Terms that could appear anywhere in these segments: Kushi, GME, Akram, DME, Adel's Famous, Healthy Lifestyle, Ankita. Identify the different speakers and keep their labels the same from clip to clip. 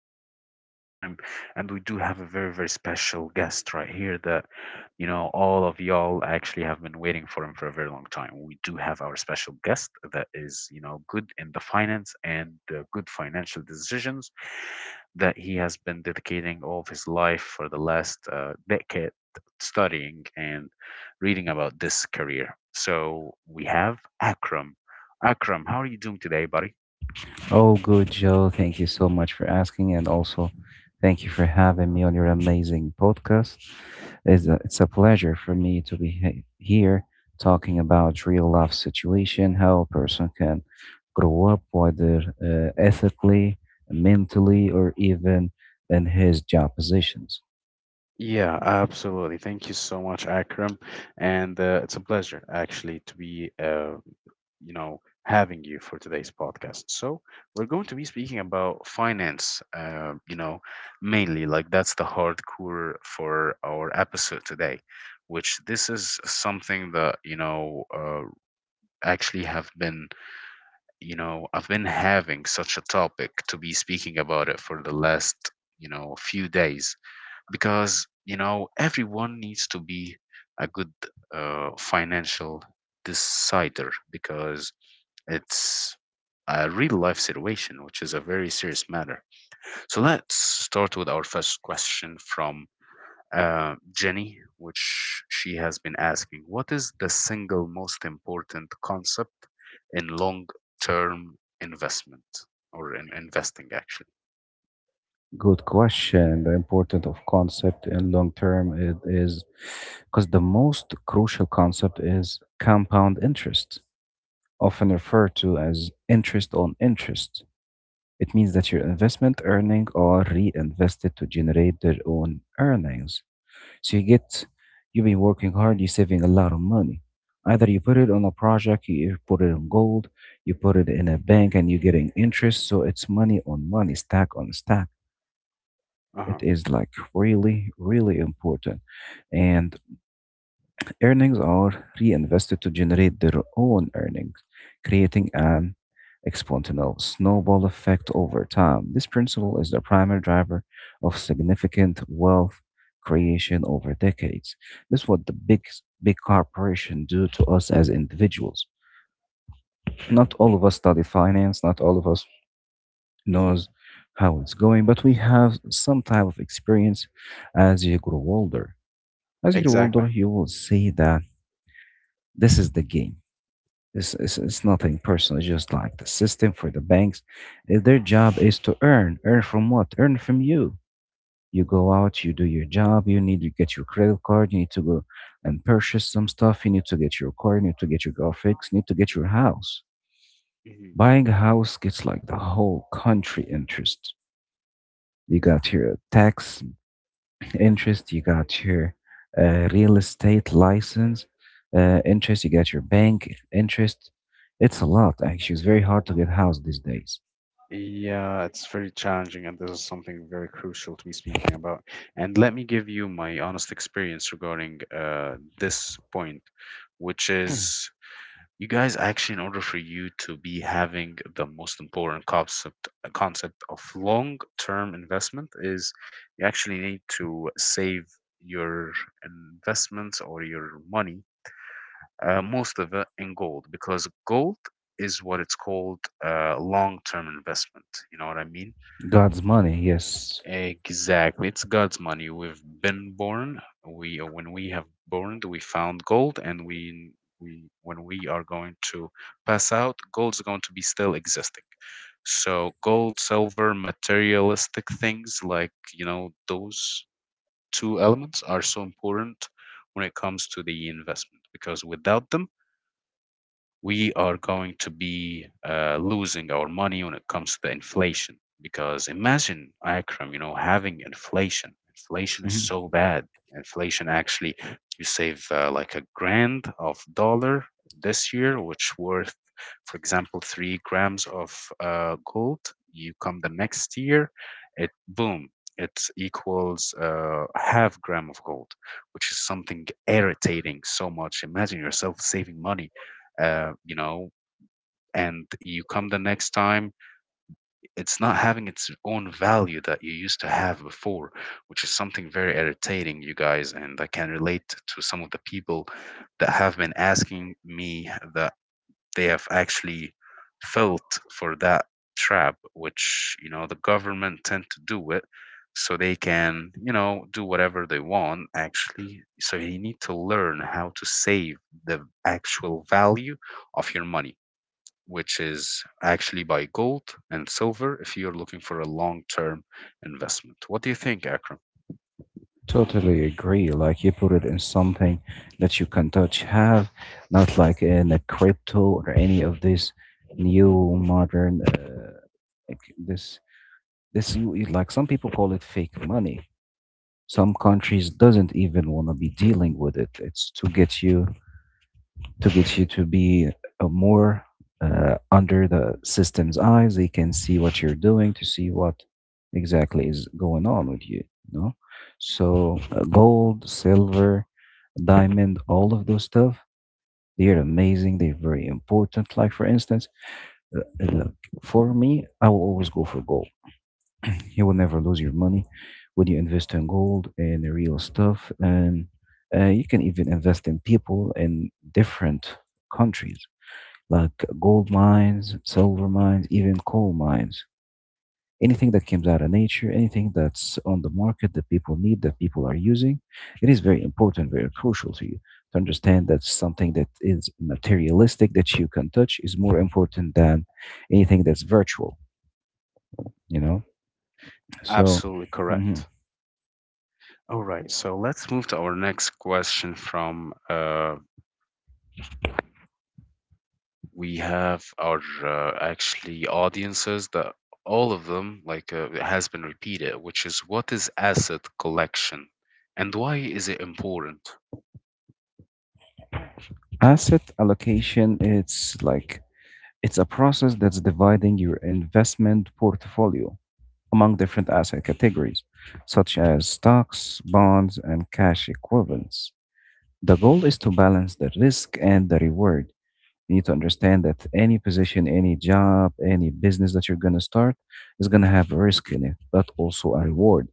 Speaker 1: for a very, very long time, and we do have a very, very special guest right here that all of y'all actually have been waiting for him for a very long time. We do have our special guest that is good in the finance and good financial decisions that he has been dedicating all of his life for the last decade studying and reading about this career. So we have Akram. Akram, how are you doing today, buddy?
Speaker 2: Oh, good, Joe. Thank you so much for asking, and also thank you for having me on your amazing podcast. It's a pleasure for me to be here talking about real life situation, how a person can grow up, whether ethically, mentally, or even in his job positions.
Speaker 1: Yeah, absolutely. Thank you so much, Akram. And it's a pleasure actually to be, you know, having you for today's podcast. So we're going to be speaking about finance, you know, mainly like that's the hardcore for our episode today, which this is something that, you know, actually have been, you know, I've been having such a topic to be speaking about it for the last, you know, few days because you know everyone needs to be a good financial decider because it's a real life situation which is a very serious matter. So let's start with our first question from Jenny, which she has been asking, what is the single most important concept in long term investment or in investing actually?
Speaker 2: Good question. The importance of concept in long term it is because the most crucial concept is compound interest often referred to as interest on interest. It means that your investment earnings are reinvested to generate their own earnings. So you've been working hard, you're saving a lot of money. Either you put it on a project, you put it on gold, you put it in a bank, and you're getting interest. So it's money on money, stack on stack.
Speaker 1: Uh
Speaker 2: It
Speaker 1: huh.
Speaker 2: is like really, really important. And earnings are reinvested to generate their own earnings, creating an exponential snowball effect over time. This principle is the primary driver of significant wealth creation over decades. This is what the big corporation do to us as individuals. Not all of us study finance, not all of us
Speaker 1: Hmm.
Speaker 2: knows how it's going, but we have some type of experience as you grow older. As you grow
Speaker 1: Exactly.
Speaker 2: older, you will see that this is the game. It's nothing personal. It's just like the system for the banks. Their job is to earn. Earn from what? Earn from you. You go out, you do your job, you need to get your credit card, you need to go and purchase some stuff, you need to get your car, you need to get your car fixed, you need to get your house. Buying a house gets like the whole country interest. You got your tax interest, you got your real estate license interest, you got your bank interest. It's a lot actually, it's very hard to get house these days.
Speaker 1: Yeah, it's very challenging, and this is something very crucial to be speaking about. And let me give you my honest experience regarding this point, which is, you guys actually, in order for you to be having the most important concept concept of long-term investment, is you actually need to save your investments or your money, most of it in gold, because gold is what it's called long-term investment. You know what I mean?
Speaker 2: God's money, yes.
Speaker 1: Exactly. It's God's money. We've been born. We when we have born, we found gold, and we when we are going to pass out, gold's going to be still existing. So gold, silver, materialistic things like you know, those two elements are so important when it comes to the investment, because without them we are going to be losing our money when it comes to the inflation. Because imagine, Akram, you know, having inflation. Inflation is
Speaker 2: Mhm.
Speaker 1: so bad. Inflation actually, you save like a grand of dollar this year, which worth, for example, 3 grams of gold. You come the next year, it boom, it equals half gram of gold, which is something irritating so much. Imagine yourself saving money, you know, and you come the next time, it's not having its own value that you used to have before, which is something very irritating, you guys. And I can relate to some of the people that have been asking me that they have actually felt for that trap, which, you know, the government tend to do it so they can, you know, do whatever they want actually. So you need to learn how to save the actual value of your money, which is actually by gold and silver if you're looking for a long term investment. What do you think, Akram?
Speaker 2: Totally agree, like you put it in something that you can touch, have not like in a crypto or any of this new modern like this like some people call it fake money. Some countries doesn't even want to be dealing with it. It's to get you to be a more under the system's eyes. They can see what you're doing to see what exactly is going on with you, you know? So gold, silver, diamond, all of those stuff. They're amazing. They're very important. Like for instance, look, for me, I will always go for gold. You will never lose your money when you invest in gold and the real stuff. And you can even invest in people in different countries, like gold mines, silver mines, even coal mines. Anything that comes out of nature, anything that's on the market that people need, that people are using, it is very important, very crucial to you to understand that something that is materialistic that you can touch is more important than anything that's virtual, you know? So,
Speaker 1: Absolutely
Speaker 2: mhm.
Speaker 1: correct. All right, so let's move to our next question from we have our actually audiences that all of them like it has been repeated, which is, what is asset collection and why is it important?
Speaker 2: Asset allocation, it's a process that's dividing your investment portfolio among different asset categories, such as stocks, bonds, and cash equivalents. The goal is to balance the risk and the reward. You need to understand that any position, any job, any business that you're going to start is going to have a risk in it, but also a reward.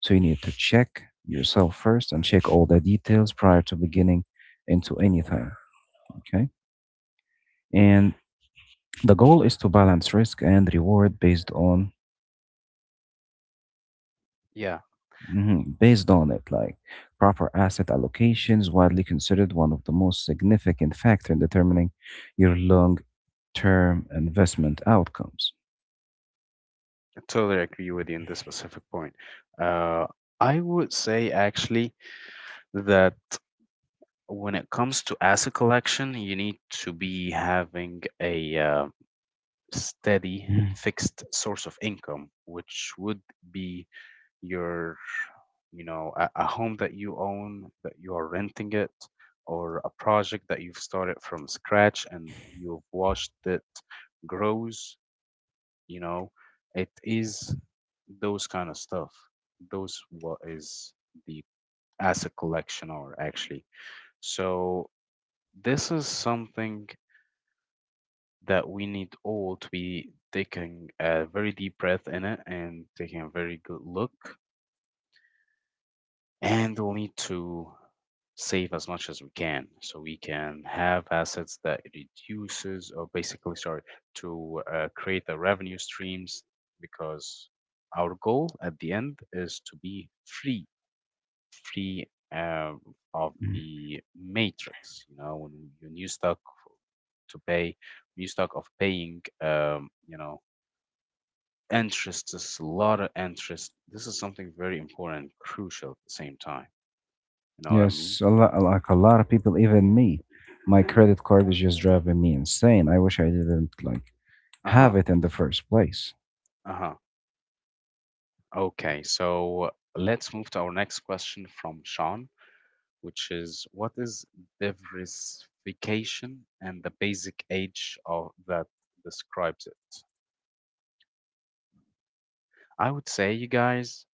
Speaker 2: So you need to check yourself first and check all the details prior to beginning into anything. Okay. And the goal is to balance risk and reward based on,
Speaker 1: Yeah,
Speaker 2: mhm, based on it like proper asset allocations. Widely considered one of the most significant factor in determining your long-term investment outcomes.
Speaker 1: I totally agree with you in this specific point. Uh, I would say actually that when it comes to asset collection, you need to be having a steady
Speaker 2: Mm,
Speaker 1: fixed source of income, which would be your, you know, a home that you own that you are renting it, or a project that you've started from scratch and you've watched it grows, you know. It is those kind of stuff, those what is the asset collection, or actually, so this is something that we need all to be taking a very deep breath in it and taking a very good look. And we'll need to save as much as we can so we can have assets that reduces, or basically, sorry, to create the revenue streams, because our goal at the end is to be free, free, uh, of
Speaker 2: mm.
Speaker 1: the matrix, you know, when you stuck to pay, when you stuck of paying, you know, interest. There's a lot of interest. This is something very important and crucial at the same time. You know what I mean?
Speaker 2: Yes, a lot, like a lot of people, even me, my credit card is just driving me insane. I wish I didn't like
Speaker 1: Uh
Speaker 2: have
Speaker 1: huh.
Speaker 2: it in the first place.
Speaker 1: Uh huh. Okay, so let's move to our next question from Sean, which is, what is diversification and the basic age of that describes it? I would say, you guys,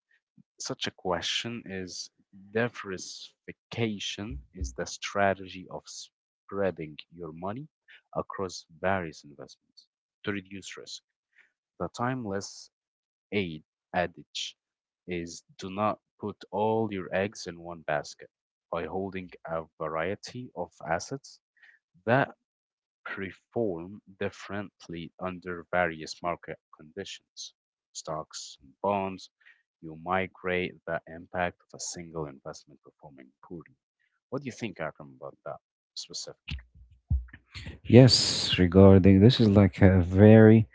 Speaker 1: such a question is, diversification is the strategy of spreading your money across various investments to reduce risk. The timeless aid adage is, do not put all your eggs in one basket. By holding a variety of assets that perform differently under various market conditions, stocks and bonds, you migrate the impact of a single investment performing poorly. What do you think, Akram, about that specific?
Speaker 2: Yes, regarding this is like a very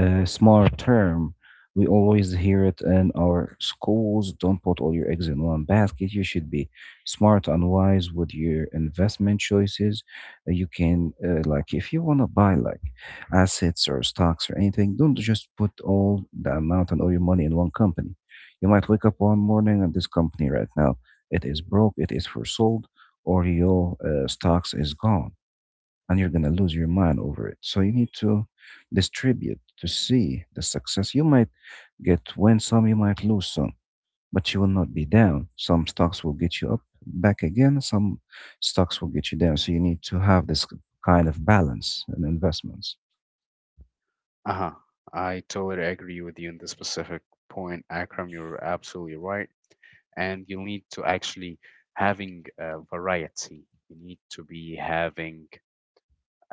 Speaker 2: smart term. We always hear it in our schools. Don't put all your eggs in one basket. You should be smart and wise with your investment choices. You can, like, if you want to buy like assets or stocks or anything, don't just put all the amount and all your money in one company. You might wake up one morning and this company right now it is broke, it is for sold, or your stocks is gone and you're going to lose your mind over it. So you need to distribute to see the success. You might get win some, you might lose some, but you will not be down. Some stocks will get you up back again, some stocks will get you down. So you need to have this kind of balance in investments.
Speaker 1: Uh huh. I totally agree with you on this specific point, Akram. You're absolutely right. And you need to actually having variety. You need to be having,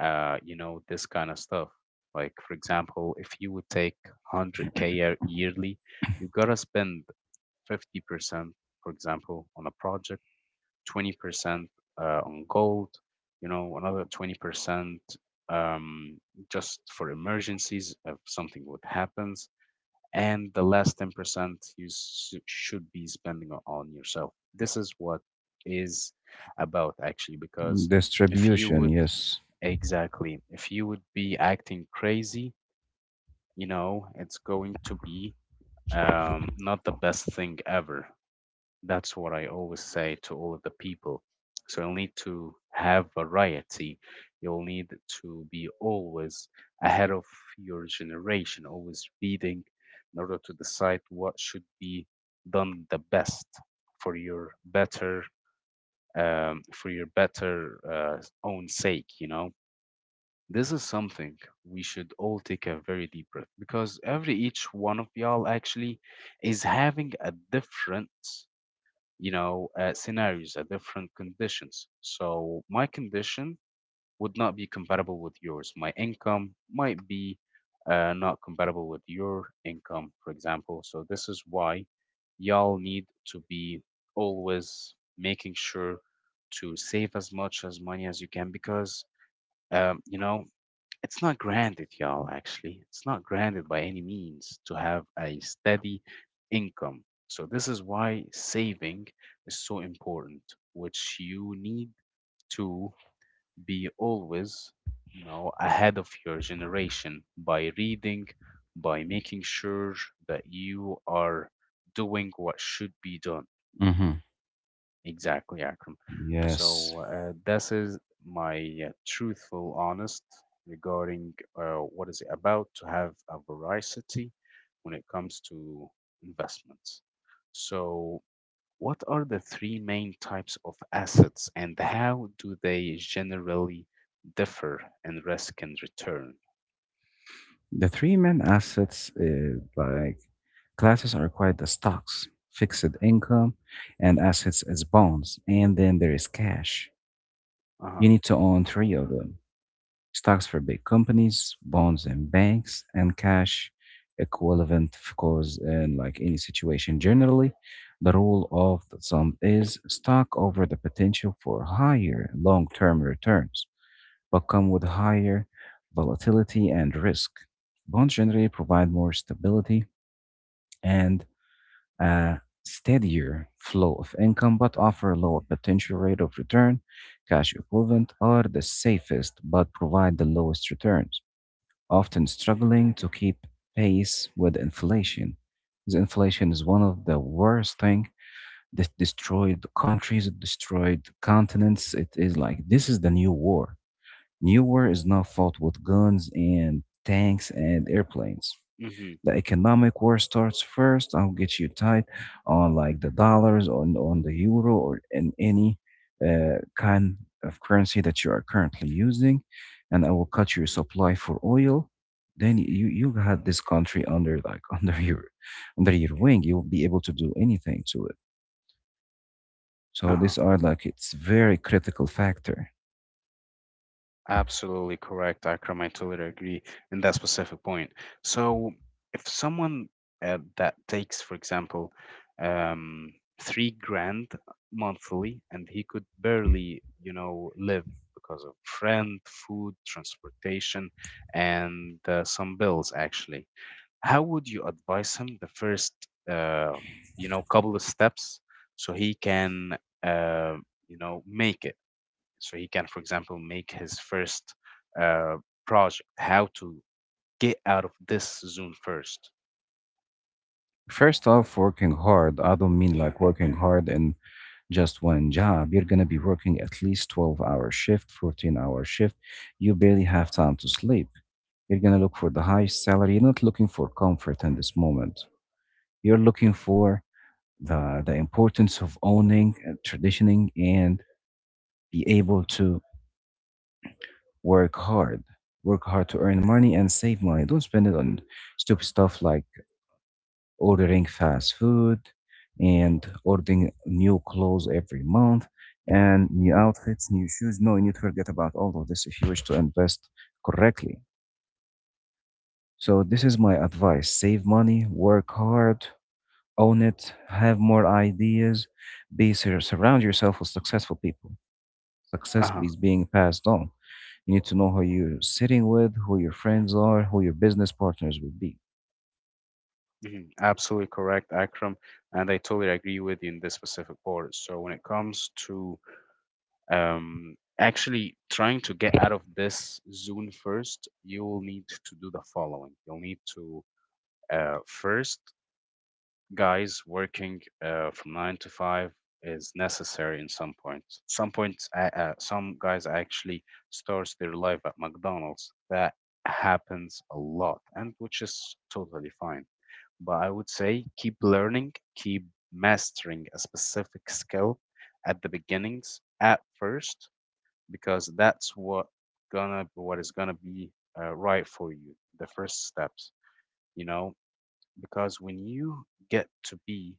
Speaker 1: you know, this kind of stuff. Like, for example, if you would take 100K yearly, you gotta spend 50%, for example, on a project, 20% on gold, you know, another 20% um, just for emergencies if something would happens, and the last 10% you should be spending on yourself. This is what is about actually, because if you
Speaker 2: Distribution,
Speaker 1: would
Speaker 2: yes.
Speaker 1: Exactly. If you would be acting crazy, you know, it's going to be, not the best thing ever. That's what I always say to all of the people. So you'll need to have variety. You'll need to be always ahead of your generation, always reading in order to decide what should be done the best for your better, for your better own sake, you know. This is something we should all take a very deep breath, because every each one of y'all actually is having a different, you know, scenarios, a different conditions. So my condition would not be compatible with yours. My income might be not compatible with your income, for example. So this is why y'all need to be always making sure to save as much as money as you can, because you know, it's not granted, y'all, actually. It's not granted by any means to have a steady income. So this is why saving is so important, which you need to be always, you know, ahead of your generation by reading, by making sure that you are doing what should be done.
Speaker 2: Mm-hmm.
Speaker 1: Exactly, Akram.
Speaker 2: Yes.
Speaker 1: So this is my truthful, honest regarding what is it about to have a variety when it comes to investments. So, what are the three main types of assets, and how do they generally differ in risk and return?
Speaker 2: The three main assets like classes are quite the stocks, fixed income, and assets as bonds. And then there is cash.
Speaker 1: Uh huh.
Speaker 2: You need to own three of them, stocks for big companies, bonds and banks, and cash equivalent, of course, in like any situation. Generally, the rule of the thumb is stock over the potential for higher long term returns, but come with higher volatility and risk. Bonds generally provide more stability and a steadier flow of income but offer a lower potential rate of return. Cash equivalent are the safest but provide the lowest returns, often struggling to keep pace with inflation. Because inflation is one of the worst thing that destroyed countries, it destroyed continents. It is like this is the new war. New war is not fought with guns and tanks and airplanes,
Speaker 1: Mm-hmm.
Speaker 2: the economic war starts first. I'll get you tight on like the dollars, on the euro, or in any kind of currency that you are currently using, and I will cut your supply for oil. Then you had this country under like under your wing. You'll be able to do anything to it. So
Speaker 1: Uh-huh.
Speaker 2: these are like it's very critical factor.
Speaker 1: Absolutely correct, Akram. I totally agree in that specific point. So, if someone that takes, for example, um, 3 grand monthly, and he could barely, you know, live because of rent, food, transportation, and some bills, actually, how would you advise him the first, uh, you know, couple of steps so he can, uh, you know, make it? So he can, for example, make his first uh, project, how to get out of this zone first?
Speaker 2: First off, working hard, I don't mean like working hard in just one job. You're going to be working at least 12-hour shift, 14-hour shift. You barely have time to sleep. You're going to look for the highest salary. You're not looking for comfort in this moment. You're looking for the importance of owning, traditioning, and be able to work hard. Work hard to earn money and save money. Don't spend it on stupid stuff like ordering fast food and ordering new clothes every month and new outfits, new shoes. No, you need to forget about all of this if you wish to invest correctly. So, this is my advice, save money, work hard, own it, have more ideas, be surround yourself with successful people. Success
Speaker 1: Uh-huh.
Speaker 2: is being passed on. You need to know who you're sitting with, who your friends are, who your business partners will be.
Speaker 1: Mhm. Absolutely correct, Akram, and I totally agree with you in this specific part. So when it comes to actually trying to get out of this zone first, you will need to do the following. You'll need to, first, guys, working from 9 to 5 is necessary in some points. Some points, some guys actually starts their life at McDonald's. That happens a lot, and which is totally fine. But I would say, keep learning, keep mastering a specific skill at the beginnings at first, because that's what is gonna be right for you. The first steps, you know, because when you get to be,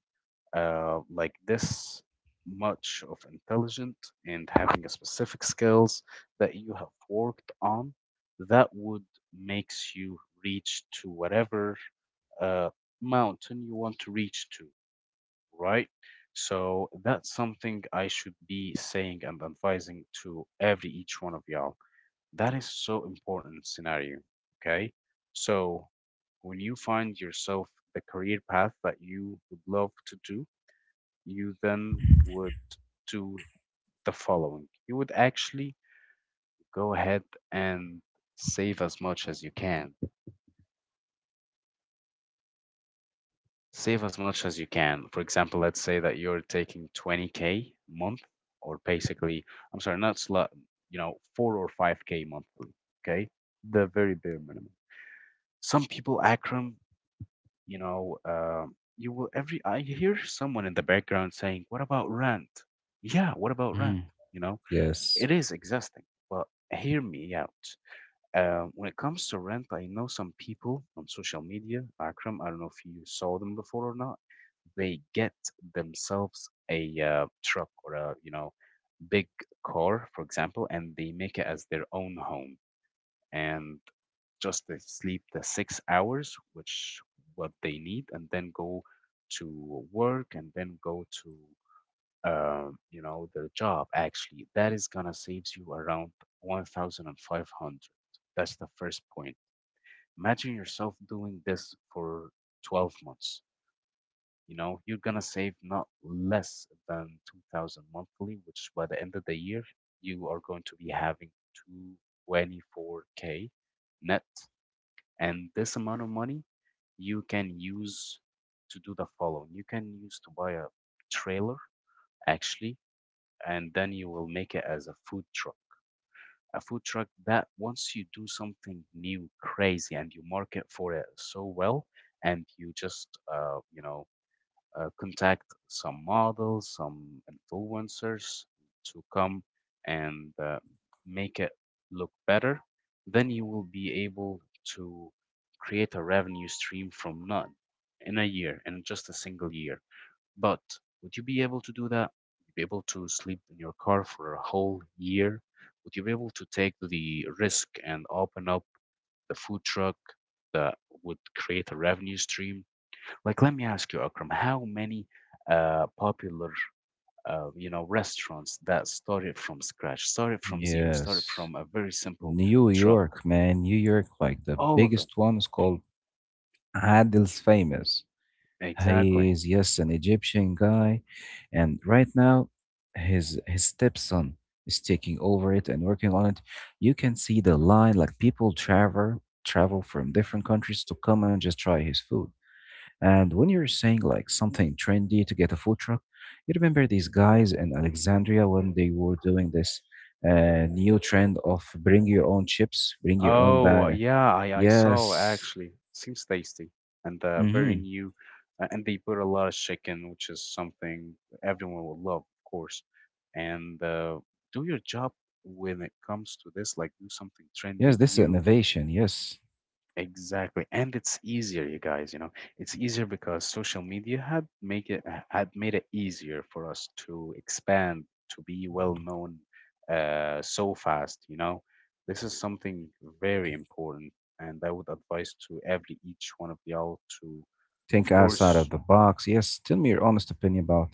Speaker 1: like, this much of intelligent and having a specific skills that you have worked on, that would makes you reach to whatever uh, mountain you want to reach to, right? So that's something I should be saying and advising to every each one of y'all, that is so important scenario. Okay, so when you find yourself the career path that you would love to do, you then would do the following. You would actually go ahead and save as much as you can. Save as much as you can. For example, let's say that you're taking 20K month, or basically, I'm sorry, not slut, you know, 4 or 5K monthly. Okay. The very bare minimum. Some people, Akram. You will every I hear someone in the background saying, "What about rent?" Yeah, what about rent?
Speaker 2: Mm,
Speaker 1: You know,
Speaker 2: yes,
Speaker 1: it is exhausting. But hear me out. When it comes to rent, I know some people on social media, Akram. I don't know if you saw them before or not. They get themselves a truck or a big car, for example, and they make it as their own home and just they sleep the 6 hours, which what they need, and then go to work and then go to their job. Actually, that is gonna saves you around 1,500. That's the first point. Imagine yourself doing this for 12 months. You know you're gonna save not less than 2,000 monthly, which by the end of the year you are going to be having 224K k net, and this amount of money you can use to do the following. You can use to buy a trailer actually, and then you will make it as a food truck. A food truck that once you do something new, crazy, and you market for it so well, and you just contact some models, some influencers to come and make it look better, then you will be able to create a revenue stream from none in a year, in just a single year. But would you be able to do that? Would you be able to sleep in your car for a whole year? Would you be able to take the risk and open up the food truck that would create a revenue stream? Like, let me ask you, Akram, how many popular, restaurants that started from scratch, started from zero, started
Speaker 2: yes.
Speaker 1: from a very simple
Speaker 2: New
Speaker 1: truck?
Speaker 2: York, man, New York, like the
Speaker 1: All of it.
Speaker 2: biggest one is called Adel's Famous. He
Speaker 1: Exactly.
Speaker 2: is, yes, an Egyptian guy. And right now, his stepson is taking over it and working on it. You can see the line, like people travel from different countries to come and just try his food. And when you're saying like something trendy to get a food truck, you remember these guys in Alexandria when they were doing this new trend of bring your own chips, bring your own
Speaker 1: Oh,
Speaker 2: bag.
Speaker 1: yeah, I saw
Speaker 2: Yes.
Speaker 1: actually. Seems tasty and very
Speaker 2: Hmm.
Speaker 1: new. And they put a lot of chicken, which is something everyone will love, of course. And do your job when it comes to this, like do something
Speaker 2: Yes,
Speaker 1: trendy,
Speaker 2: this is
Speaker 1: new.
Speaker 2: innovation. Yes.
Speaker 1: Exactly. And it's easier, you guys, you know. It's easier because social media had made it easier for us to expand, to be well known so fast, you know. This is something very important, and I would advise to every each one of y'all to, of
Speaker 2: Think outside of
Speaker 1: course.
Speaker 2: the box. Yes, tell me your honest opinion about,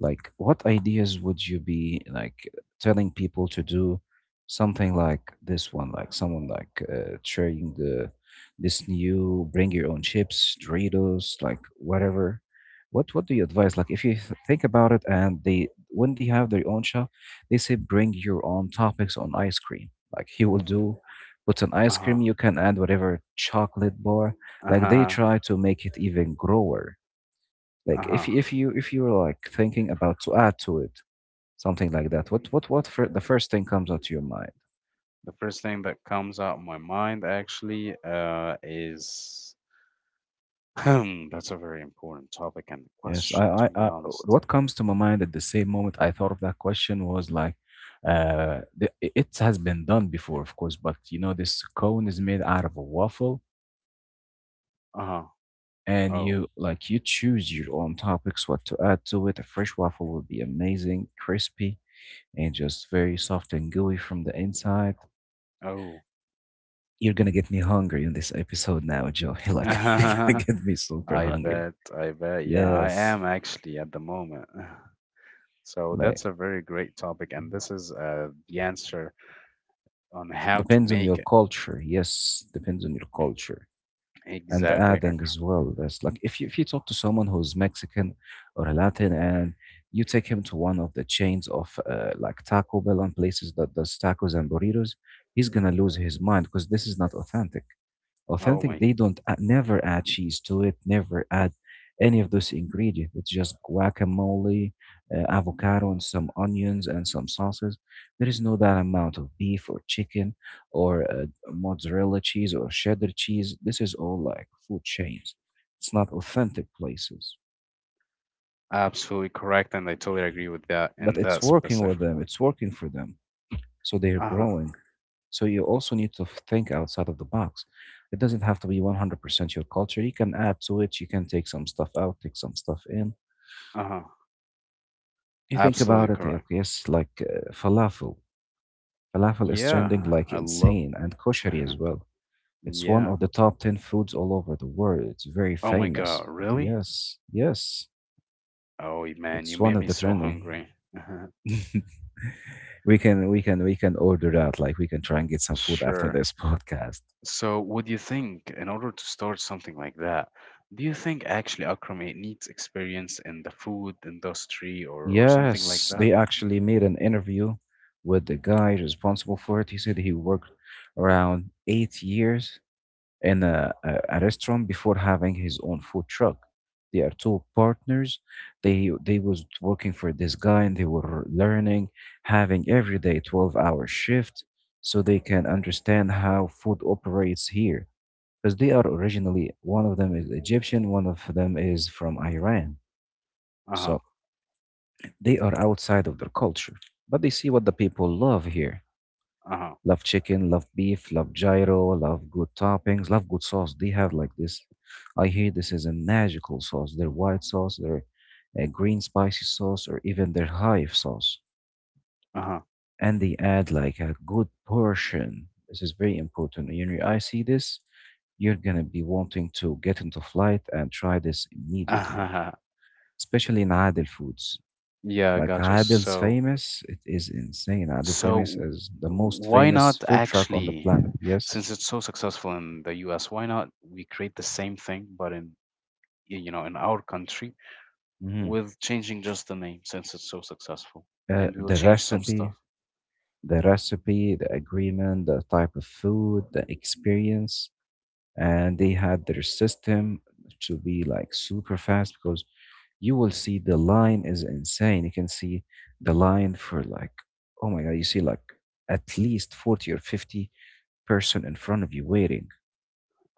Speaker 2: like, what ideas would you be like telling people to do something like this one? Like someone like sharing the this new bring your own chips, Doritos, like whatever. What do you advise? Like, if you think about it, and they when they have their own shop, they say bring your own topics on ice cream. Like he will do, put an ice cream.
Speaker 1: Uh-huh.
Speaker 2: You can add whatever chocolate bar. Like they
Speaker 1: Uh-huh.
Speaker 2: try to make it even grower, like
Speaker 1: Uh-huh.
Speaker 2: if you if you're like thinking about to add to it something like that, what the first thing comes out to your mind?
Speaker 1: The first thing that comes out of my mind actually is that's a very important topic and
Speaker 2: Yes,
Speaker 1: question,
Speaker 2: I,
Speaker 1: to be
Speaker 2: I I
Speaker 1: honest.
Speaker 2: what comes to my mind at the same moment I thought of that question was like, it has been done before, of course, but you know this cone is made out of a waffle,
Speaker 1: Uh-huh.
Speaker 2: and
Speaker 1: Oh.
Speaker 2: you like you choose your own topics what to add to it. A fresh waffle would be amazing, crispy, and just very soft and gooey from the inside.
Speaker 1: Oh.
Speaker 2: You're gonna get me hungry in this episode now, Joe. Like you're gonna get me super
Speaker 1: I
Speaker 2: hungry.
Speaker 1: bet. I bet. Yeah, I
Speaker 2: Yes.
Speaker 1: am actually at the moment. So
Speaker 2: Like
Speaker 1: that's a very great topic, and this is the answer on how to
Speaker 2: depends on
Speaker 1: make
Speaker 2: your
Speaker 1: it.
Speaker 2: culture. Yes, depends on your culture. And
Speaker 1: Exactly,
Speaker 2: adding
Speaker 1: Akram.
Speaker 2: as well, there's like if you talk to someone who's Mexican or a Latin, and you take him to one of the chains of like Taco Bell and places that does tacos and burritos, he's gonna lose his mind because this is not authentic.
Speaker 1: Oh
Speaker 2: authentic
Speaker 1: my
Speaker 2: They
Speaker 1: God.
Speaker 2: don't add, never add cheese to it, never add any of those ingredients. It's just guacamole, avocado and some onions and some sauces. There is no that amount of beef or chicken or mozzarella cheese or cheddar cheese. This is all like food chains, it's not authentic places.
Speaker 1: Absolutely correct, and I totally agree with that
Speaker 2: But
Speaker 1: in
Speaker 2: it's, yes,
Speaker 1: that
Speaker 2: working
Speaker 1: specific
Speaker 2: with them,
Speaker 1: point.
Speaker 2: it's working for them, so they're
Speaker 1: Uh-huh.
Speaker 2: growing. So you also need to think outside of the box. It doesn't have to be 100% your culture. You can add to it. You can take some stuff out, take some stuff in.
Speaker 1: Uh-huh.
Speaker 2: You think
Speaker 1: Absolutely
Speaker 2: about it,
Speaker 1: correct.
Speaker 2: yes, like falafel. Falafel is trending
Speaker 1: Yeah,
Speaker 2: like
Speaker 1: I love.
Speaker 2: insane, and koshari
Speaker 1: uh
Speaker 2: as well. It's one
Speaker 1: Yeah.
Speaker 2: of the top 10 foods all over the world. It's very
Speaker 1: Oh my God,
Speaker 2: famous.
Speaker 1: really?
Speaker 2: Yes, yes.
Speaker 1: Oh man, you
Speaker 2: It's one
Speaker 1: made
Speaker 2: of
Speaker 1: me
Speaker 2: the
Speaker 1: so
Speaker 2: trending.
Speaker 1: hungry.
Speaker 2: We can order out, like we can try and get some food after
Speaker 1: Sure.
Speaker 2: this podcast.
Speaker 1: So, what do you think in order to start something like that? Do you think actually, Akram, it needs experience in the food industry, or something like
Speaker 2: Yes,
Speaker 1: that?
Speaker 2: they actually made an interview with the guy responsible for it. He said he worked around 8 years in a restaurant before having his own food truck. They are two partners. They was working for this guy and they were learning, having every day 12-hour shift so they can understand how food operates here. Because they are originally, one of them is Egyptian, one of them is from Iran.
Speaker 1: Uh-huh.
Speaker 2: So they are outside of their culture, but they see what the people love here.
Speaker 1: Uh-huh.
Speaker 2: Love chicken, love beef, love gyro, love good toppings, love good sauce. They have like this. I hear this is a magical sauce. Their white sauce, their green spicy sauce, or even their hive sauce.
Speaker 1: Uh-huh.
Speaker 2: And they add like a good portion. This is very important. When I see this, you're gonna be wanting to get into flight and try this immediately,
Speaker 1: Uh-huh.
Speaker 2: especially in Adel foods.
Speaker 1: Yeah,
Speaker 2: Like
Speaker 1: gotcha.
Speaker 2: Adil's
Speaker 1: So,
Speaker 2: Famous, it is insane. Adel Famous
Speaker 1: so
Speaker 2: is the most
Speaker 1: why
Speaker 2: famous
Speaker 1: not
Speaker 2: food truck on the
Speaker 1: actually,
Speaker 2: planet. Yes.
Speaker 1: since it's so successful in the US, why not we create the same thing but in, you know, in our country,
Speaker 2: Hmm.
Speaker 1: with changing just the name, since it's so successful, and we will
Speaker 2: The
Speaker 1: change some stuff.
Speaker 2: recipe, the recipe, the agreement, the type of food, the experience, and they had their system to be like super fast, because you will see the line is insane. You can see the line for like, oh my God, you see like at least 40 or 50 person in front of you waiting,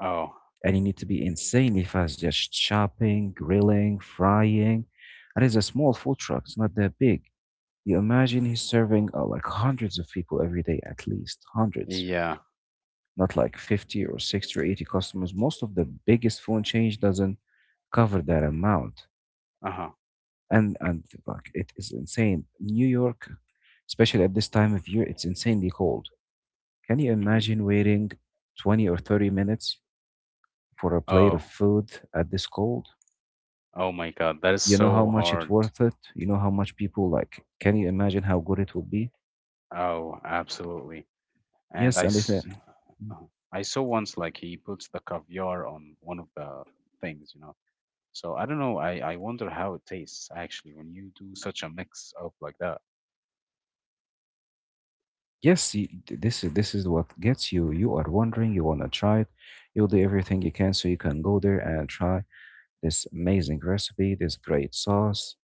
Speaker 1: Oh,
Speaker 2: and you need to be insanely fast, just chopping, grilling, frying. And it's a small food truck, it's not that big. You imagine he's serving like hundreds of people every day, at least hundreds,
Speaker 1: yeah.
Speaker 2: not like 50 or 60 or 80 customers. Most of the biggest phone change doesn't cover that amount.
Speaker 1: Uh-huh.
Speaker 2: And like it is insane. New York, especially at this time of year, it's insanely cold. Can you
Speaker 1: Hmm.
Speaker 2: imagine waiting 20 or 30 minutes for a plate of
Speaker 1: Oh,
Speaker 2: food at this cold?
Speaker 1: oh my God, that is
Speaker 2: You know how
Speaker 1: so
Speaker 2: much it's
Speaker 1: hard.
Speaker 2: worth it? You know how much people like, can you imagine how good it will be?
Speaker 1: Oh, absolutely. And
Speaker 2: Yes,
Speaker 1: I,
Speaker 2: and it's,
Speaker 1: s- uh-huh. I saw once like he puts the caviar on one of the things, you know. So I don't know. I wonder how it tastes actually when you do such a mix up like that.
Speaker 2: yes, th- this is what gets you. You are wondering, you wanna try it. You'll do everything you can so you can go there and try this amazing recipe, this great sauce,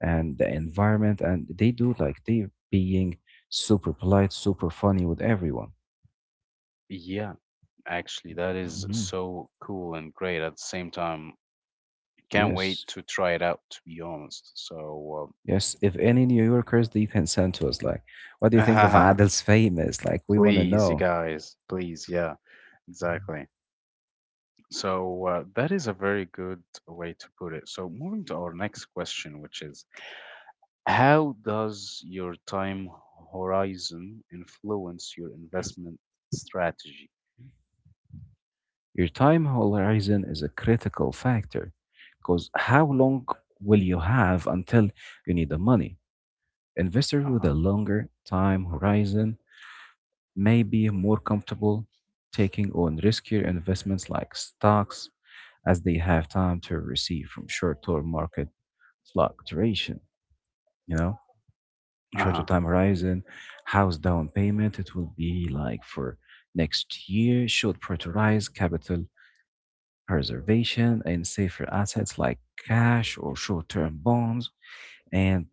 Speaker 2: and the environment. And they do like they being super polite, super funny with everyone.
Speaker 1: Yeah, actually, that is
Speaker 2: Hmm.
Speaker 1: so cool and great at the same time. Can't wait
Speaker 2: Yes,
Speaker 1: to try it out, to be honest. So,
Speaker 2: yes, if any New Yorkers, they can send to us like what do you think of
Speaker 1: uh,
Speaker 2: Adil's Famous, like we want to
Speaker 1: please, you
Speaker 2: know.
Speaker 1: guys, please, yeah, exactly. So that is a very good way to put it. So moving to our next question, which is how does your time horizon influence your investment strategy?
Speaker 2: Your time horizon is a critical factor because how long will you have until you need the money. Investors with a
Speaker 1: Uh-huh.
Speaker 2: longer time horizon may be more comfortable taking on riskier investments like stocks, as they have time to receive from short-term market fluctuation, you know, shorter
Speaker 1: Uh-huh.
Speaker 2: time horizon, house down payment, it will be like for next year, should prioritize capital preservation and safer assets like cash or short-term bonds. And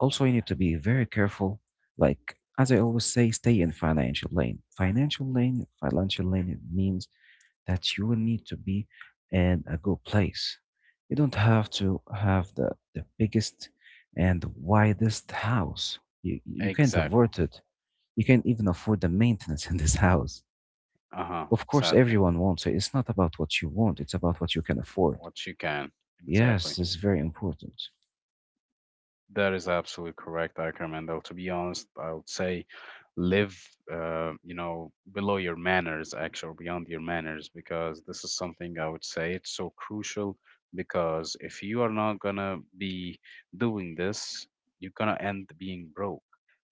Speaker 2: also you need to be very careful, like as I always say, stay in financial lane. Financial lane, financial lane, it means that you will need to be in a good place. You don't have to have the biggest and widest house. You can't
Speaker 1: Exactly.
Speaker 2: afford it. You can't even afford the maintenance in this house.
Speaker 1: Uh-huh.
Speaker 2: Of course,
Speaker 1: Sadly,
Speaker 2: everyone wants it. It's not about what you want, it's about what you can afford.
Speaker 1: what you can. Exactly.
Speaker 2: Yes, it's very important.
Speaker 1: That is absolutely correct, Akram. And though, to be honest, I would say live, below your manners, actually, or beyond your manners, because this is something I would say it's so crucial. Because if you are not gonna be doing this, you're gonna end being broke.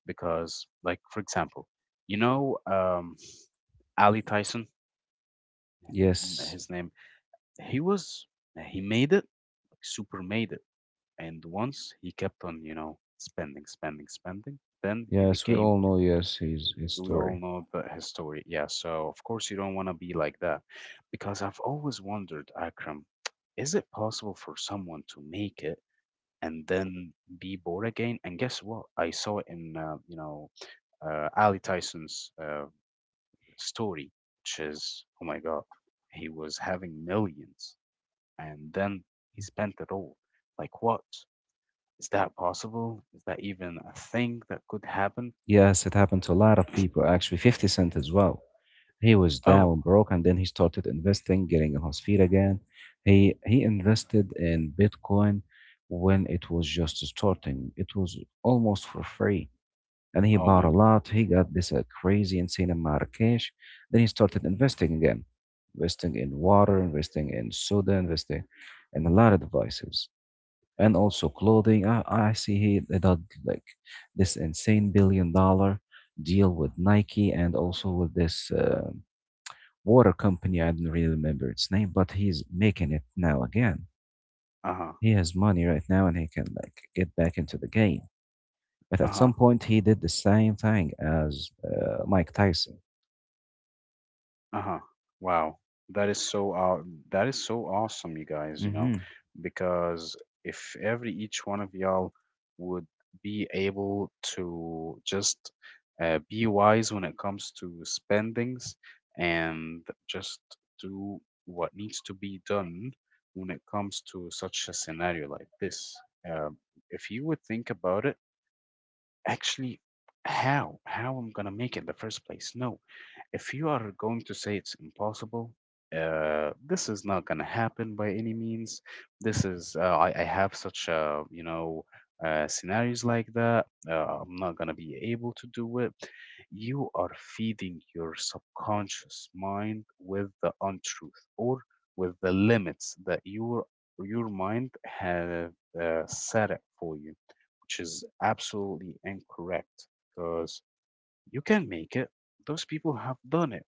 Speaker 1: Because, like, for example, you know, um, Ali Tyson,
Speaker 2: Yes,
Speaker 1: his name, he was, he made it, like, super made it, and once he kept on, you know, spending, spending, spending, then he
Speaker 2: yes, we
Speaker 1: became,
Speaker 2: all know, yes, his
Speaker 1: we all
Speaker 2: story.
Speaker 1: know the, his story. Yeah, so of course you don't want to be like that. Because I've always wondered, Akram, is it possible for someone to make it and then be bored again? And guess what? I saw it in, Ali Tyson's story, which is, oh my God, he was having millions and then he spent it all. Like what? Is that possible? Is that even a thing that could happen?
Speaker 2: Yes, it happened to a lot of people, actually, 50 Cent as well. He was
Speaker 1: Oh,
Speaker 2: down broke, and then he started investing, getting on his feet again. He invested in Bitcoin when it was just starting. It was almost for free, and he
Speaker 1: oh
Speaker 2: bought
Speaker 1: my
Speaker 2: a
Speaker 1: God.
Speaker 2: lot. He got this crazy, insane amount of cash. Then he started investing again, investing in water, investing in soda, investing in a lot of devices, and also clothing. I see he did like this insane billion dollar deal with Nike, and also with this. Water company. I don't really remember its name, but he's making it now again.
Speaker 1: Uh huh.
Speaker 2: He has money right now and he can like get back into the game. But
Speaker 1: Uh
Speaker 2: at
Speaker 1: huh.
Speaker 2: some point, he did the same thing as Mike Tyson.
Speaker 1: Uh-huh. Wow. That is so uh, that is so awesome, you guys, you know,
Speaker 2: Hmm.
Speaker 1: because if every each one of y'all would be able to just be wise when it comes to spendings and just do what needs to be done when it comes to such a scenario like this. Um, if you would think about it, actually, how I'm gonna make it in the first place? No, if you are going to say it's impossible, this is not going to happen by any means. This is I have such scenarios like that. I'm not going to be able to do it. You are feeding your subconscious mind with the untruth, or with the limits that your mind have set it for you, which is absolutely incorrect, because you can make it, those people have done it,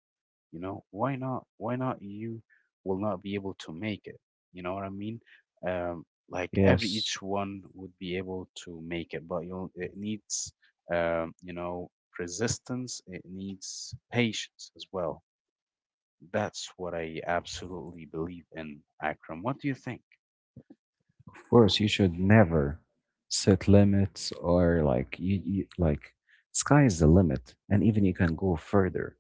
Speaker 1: you know, why not, why not you will not be able to make it, you know what I mean. um like every
Speaker 2: Yes,
Speaker 1: each one would be able to make it, but you it needs, you know, resistance, it needs patience as well. That's what I absolutely believe in, Akram. What do you think?
Speaker 2: of course, you should never set limits, or like you like sky is the limit, and even you can go further.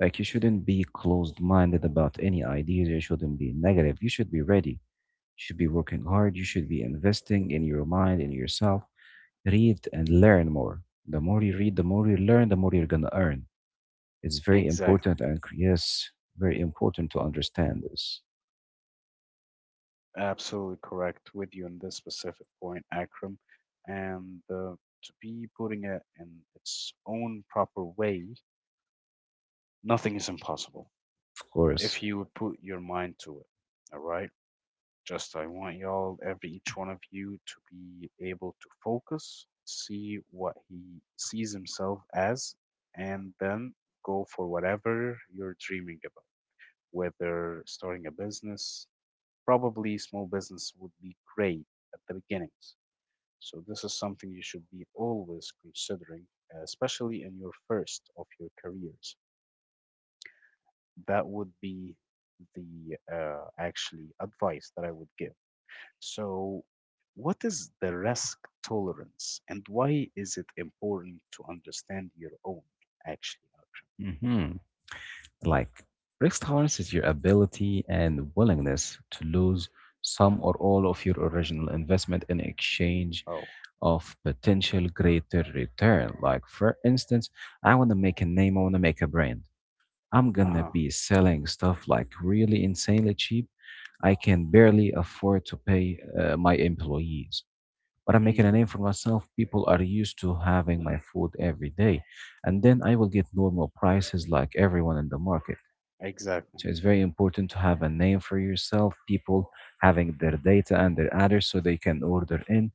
Speaker 2: Like you shouldn't be closed-minded about any ideas. You shouldn't be negative. You should be ready, should be working hard. You should be investing in your mind, in yourself. Read and learn more. The more you read, the more you learn, the more you're going to earn. It's very
Speaker 1: Exactly.
Speaker 2: important. And yes, very important to understand this,
Speaker 1: Absolutely correct with you on this specific point, Akram. And to be putting it in its own proper way, nothing is impossible
Speaker 2: of course.
Speaker 1: if you would put your mind to it. All right. Just I want y'all, every each one of you, to be able to focus, see what he sees himself as, and then go for whatever you're dreaming about. Whether starting a business, probably small business would be great at the beginnings. So this is something you should be always considering, especially in your first of your careers. That would be the actually advice that I would give. So, what is the risk tolerance, and why is it important to understand your own? Actually,
Speaker 2: Hmm. Like, risk tolerance is your ability and willingness to lose some or all of your original investment in exchange
Speaker 1: oh,
Speaker 2: of potential greater return. Like, for instance, I want to make a name, I want to make a brand. I'm
Speaker 1: uh
Speaker 2: gonna
Speaker 1: huh,
Speaker 2: be selling stuff like really insanely cheap. I can barely afford to pay my employees, but I'm making a
Speaker 1: mm,
Speaker 2: name for myself. People are used to having my food every day, and then I will get normal prices like everyone in the market.
Speaker 1: exactly,
Speaker 2: So it's very important to have a name for yourself. People having their data and their address so they can order in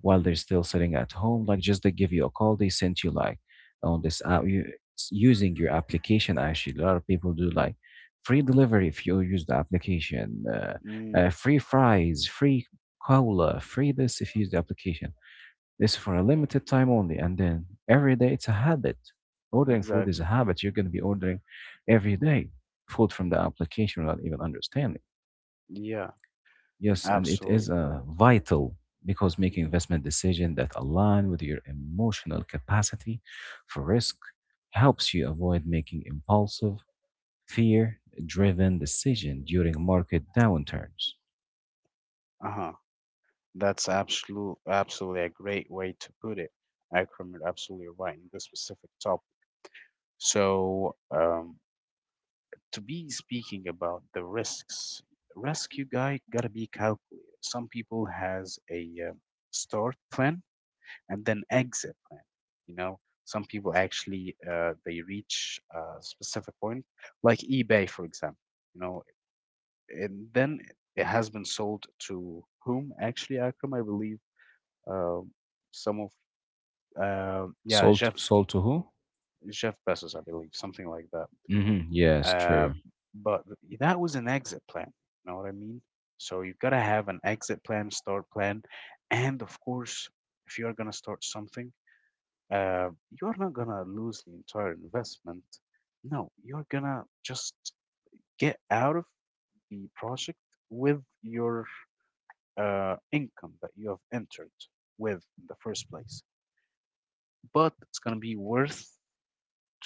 Speaker 2: while they're still sitting at home. Like just they give you a call, they sent you like on this app s- using your application. Actually, a lot of people do like free delivery if you use the application,
Speaker 1: mm,
Speaker 2: free fries, free cola, free this if you use the application. This for a limited time only, and then every day it's a habit. Ordering food is a
Speaker 1: exactly,
Speaker 2: habit. You're going to be ordering every day food from the application without even understanding.
Speaker 1: yeah,
Speaker 2: Yes, and it
Speaker 1: absolutely
Speaker 2: is
Speaker 1: correct.
Speaker 2: vital because making
Speaker 1: Hmm.
Speaker 2: investment decisions that align with your emotional capacity for risk helps you avoid making impulsive, fear-driven decisions during market downturns.
Speaker 1: Uh huh. That's absolute, absolutely a great way to put it. Akram, you're absolutely right in this specific topic. So, to be speaking about the risks, rescue guy gotta be calculated. Some people has a start plan and then exit plan. You know, some people actually they reach a specific point, like eBay, for example. You know, and then it has been sold to whom? Actually, Akram, I believe um some of yeah
Speaker 2: Sold,
Speaker 1: Jeff
Speaker 2: sold to who?
Speaker 1: Jeff Bezos, I believe, something like that.
Speaker 2: Hmm. Yes,
Speaker 1: Uh,
Speaker 2: true.
Speaker 1: but that was an exit plan. You know what I mean? So you've got to have an exit plan, start plan, and of course, if you're gonna start something, uh, you're not gonna lose the entire investment. No, you're gonna just get out of the project with your income that you have entered with in the first place. But it's gonna be worth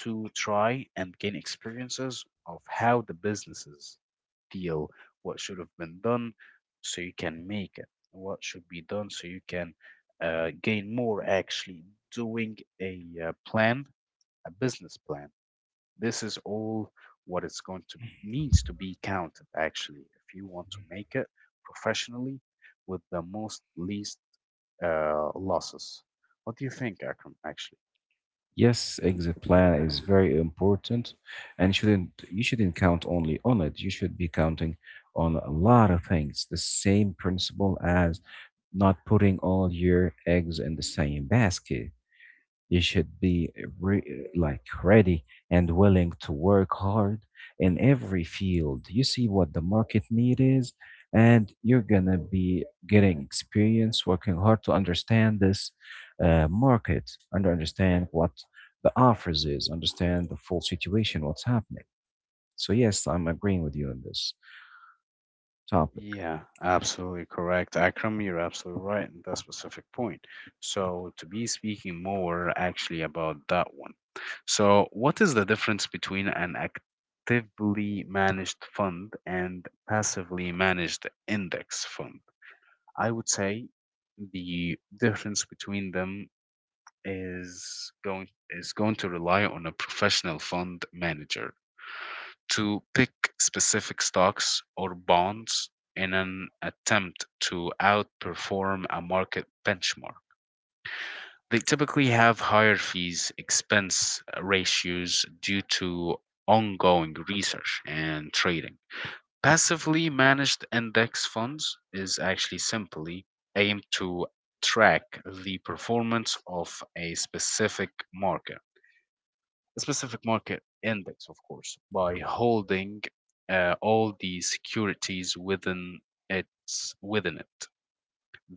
Speaker 1: to try and gain experiences of how the businesses deal, what should have been done so you can make it, what should be done so you can gain more, actually, doing a plan, a business plan. This is all what it's going to needs to be counted actually if you want to make it professionally with the most least losses. What do you think, Akram, actually?
Speaker 2: Yes, exit plan is very important, and shouldn't you shouldn't count only on it. You should be counting on a lot of things. The same principle as not putting all your eggs in the same basket. You should be like ready and willing to work hard in every field. You see what the market need is, and you're gonna be getting experience working hard to understand this market and understand what the offers is, understand the full situation, what's happening. So yes, I'm agreeing with you on this topic.
Speaker 1: Yeah, absolutely correct. Akram, you're absolutely right in that specific point. So, to be speaking more actually about that one. So, what is the difference between an actively managed fund and passively managed index fund? I would say the difference between them is going to rely on a professional fund manager to pick specific stocks or bonds in an attempt to outperform a market benchmark. They typically have higher fees expense ratios due to ongoing research and trading. Passively managed index funds is actually simply aimed to track the performance of a specific market index, of course, by holding all the securities within its within it.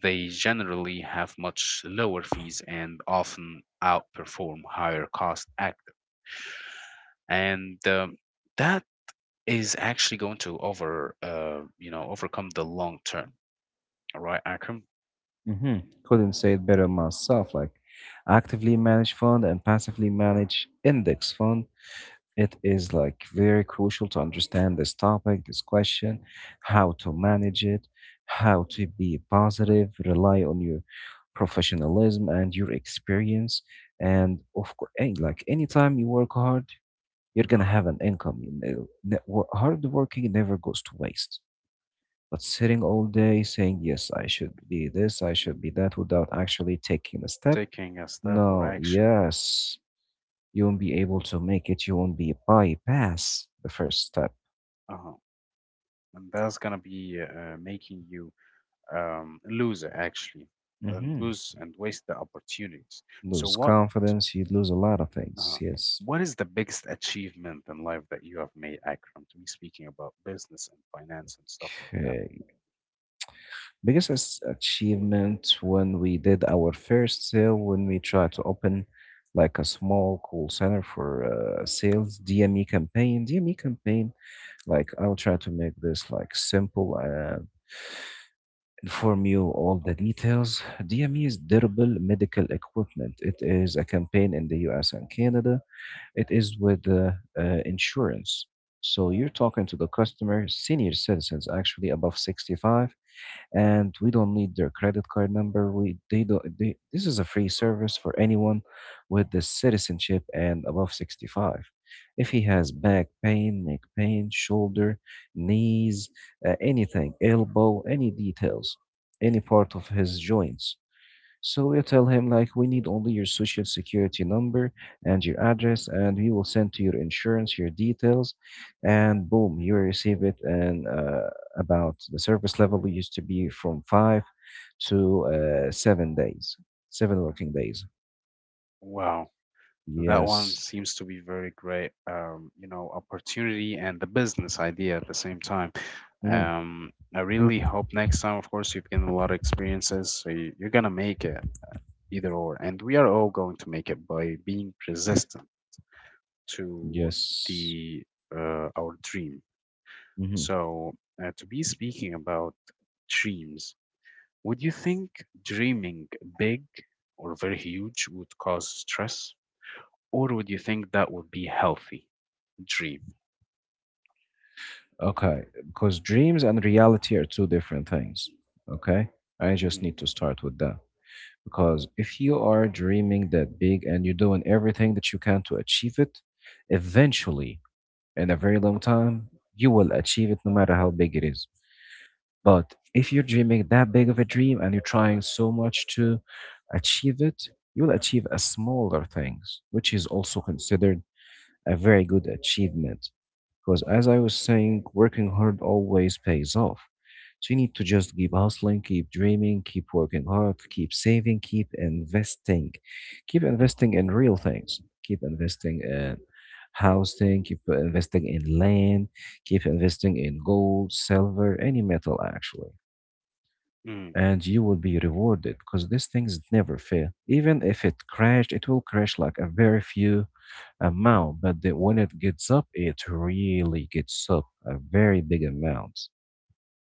Speaker 1: They generally have much lower fees and often outperform higher cost active. And That is actually going to over overcome the long term. All right, Akram,
Speaker 2: Hmm. Couldn't say it better myself. Like actively managed fund and passively managed index fund. It is like very crucial to understand this topic, this question, how to manage it, how to be positive, rely on your professionalism and your experience. And of course, like anytime you work hard, you're gonna have an income. You know, hard working never goes to waste. But sitting all day saying, yes, I should be this, I should be that, without actually taking a step,
Speaker 1: taking a step or
Speaker 2: no,
Speaker 1: action.
Speaker 2: yes, you won't be able to make it. You won't be bypass the first step.
Speaker 1: Uh-huh. And that's gonna be making you loser actually and
Speaker 2: Hmm.
Speaker 1: lose and waste the opportunities. So
Speaker 2: Lose confidence, you lose a lot of things.
Speaker 1: uh,
Speaker 2: Yes.
Speaker 1: what is the biggest achievement in life that you have made, Akram? To be speaking about business and finance and stuff like that.
Speaker 2: Okay. Biggest achievement when we did our first sale, when we tried to open like a small call center for sales dme campaign. Like I'll try to make this like simple, inform you all the details. DME is durable medical equipment. It is a campaign in the US and Canada. It is with insurance. So you're talking to the customer, senior citizens actually above 65, and we don't need their credit card number. We they don't. They, this is a free service for anyone with the citizenship and above 65. If he has back pain, neck pain, shoulder, knees, anything, elbow, any details, any part of his joints, so you tell him like we need only your social security number and your address and we will send to your insurance your details and boom you receive it and about the service level used to be from 5 to 7 days, 7 working days.
Speaker 1: Wow, that one
Speaker 2: Yes.
Speaker 1: seems to be very great. You know, opportunity and the business idea at the same time.
Speaker 2: Mhm.
Speaker 1: I really hope next time, of course, you've gained a lot of experiences, so you're gonna make it either or, and we are all going to make it by being persistent to
Speaker 2: Yes.
Speaker 1: the our dream.
Speaker 2: Hmm.
Speaker 1: So to be speaking about dreams, would you think dreaming big or very huge would cause stress, or would you think that would be healthy dream?
Speaker 2: Okay, because dreams and reality are two different things. Okay, I just
Speaker 1: Hmm.
Speaker 2: need to start with that. Because if you are dreaming that big and you're doing everything that you can to achieve it, eventually, in a very long time, you will achieve it no matter how big it is. But if you're dreaming that big of a dream and you're trying so much to achieve it, you will achieve a smaller things, which is also considered a very good achievement. Because as I was saying, working hard always pays off. So you need to just keep hustling, keep dreaming, keep working hard, keep saving, keep investing in real things, keep investing in housing, keep investing in land, keep investing in gold, silver, any metal actually,
Speaker 1: Mm,
Speaker 2: and you will be rewarded because these things never fail. Even if it crashed, it will crash like a very few amount, but the, when it gets up, it really gets up a very big amount.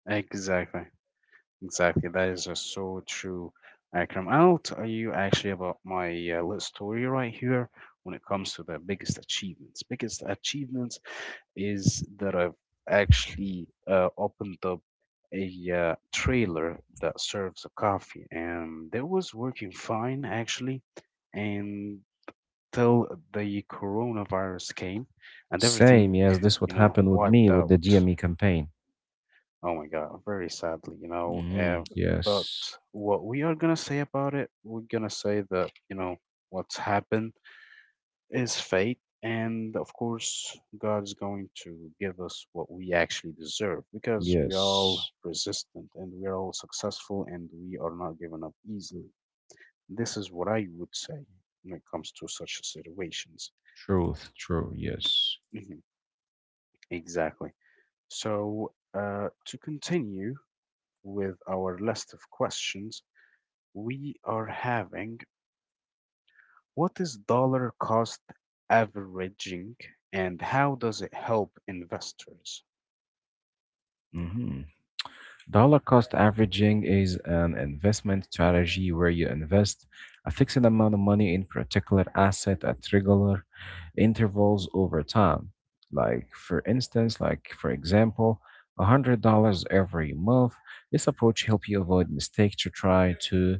Speaker 1: exactly. Exactly, that is just so true, Akram. I'll tell you actually about my little story right here when it comes to the biggest achievements. Biggest achievements is that I've actually opened up a trailer that serves a coffee, and that was working fine actually until the coronavirus came and
Speaker 2: Same,
Speaker 1: everything,
Speaker 2: yes, this what
Speaker 1: you know,
Speaker 2: happened with me
Speaker 1: wiped
Speaker 2: with
Speaker 1: out.
Speaker 2: the GME campaign.
Speaker 1: Oh my God, very sadly, you know.
Speaker 2: Hmm.
Speaker 1: But
Speaker 2: Yes,
Speaker 1: what we are gonna say about it, we're gonna say that, you know, what's happened is fate, and of course, God is going to give us what we actually deserve because we're all
Speaker 2: yes,
Speaker 1: persistent and we're all successful and we are not given up easily. This is what I would say when it comes to such situations.
Speaker 2: truth, true, yes.
Speaker 1: Mhm. Exactly. So, to continue with our list of questions, we are having. What is dollar cost averaging and how does it help investors?
Speaker 2: Hmm. Dollar cost averaging is an investment strategy where you invest a fixed amount of money in particular asset at regular intervals over time. Like for instance, like for example, $100 every month. This approach helps you avoid mistakes to try to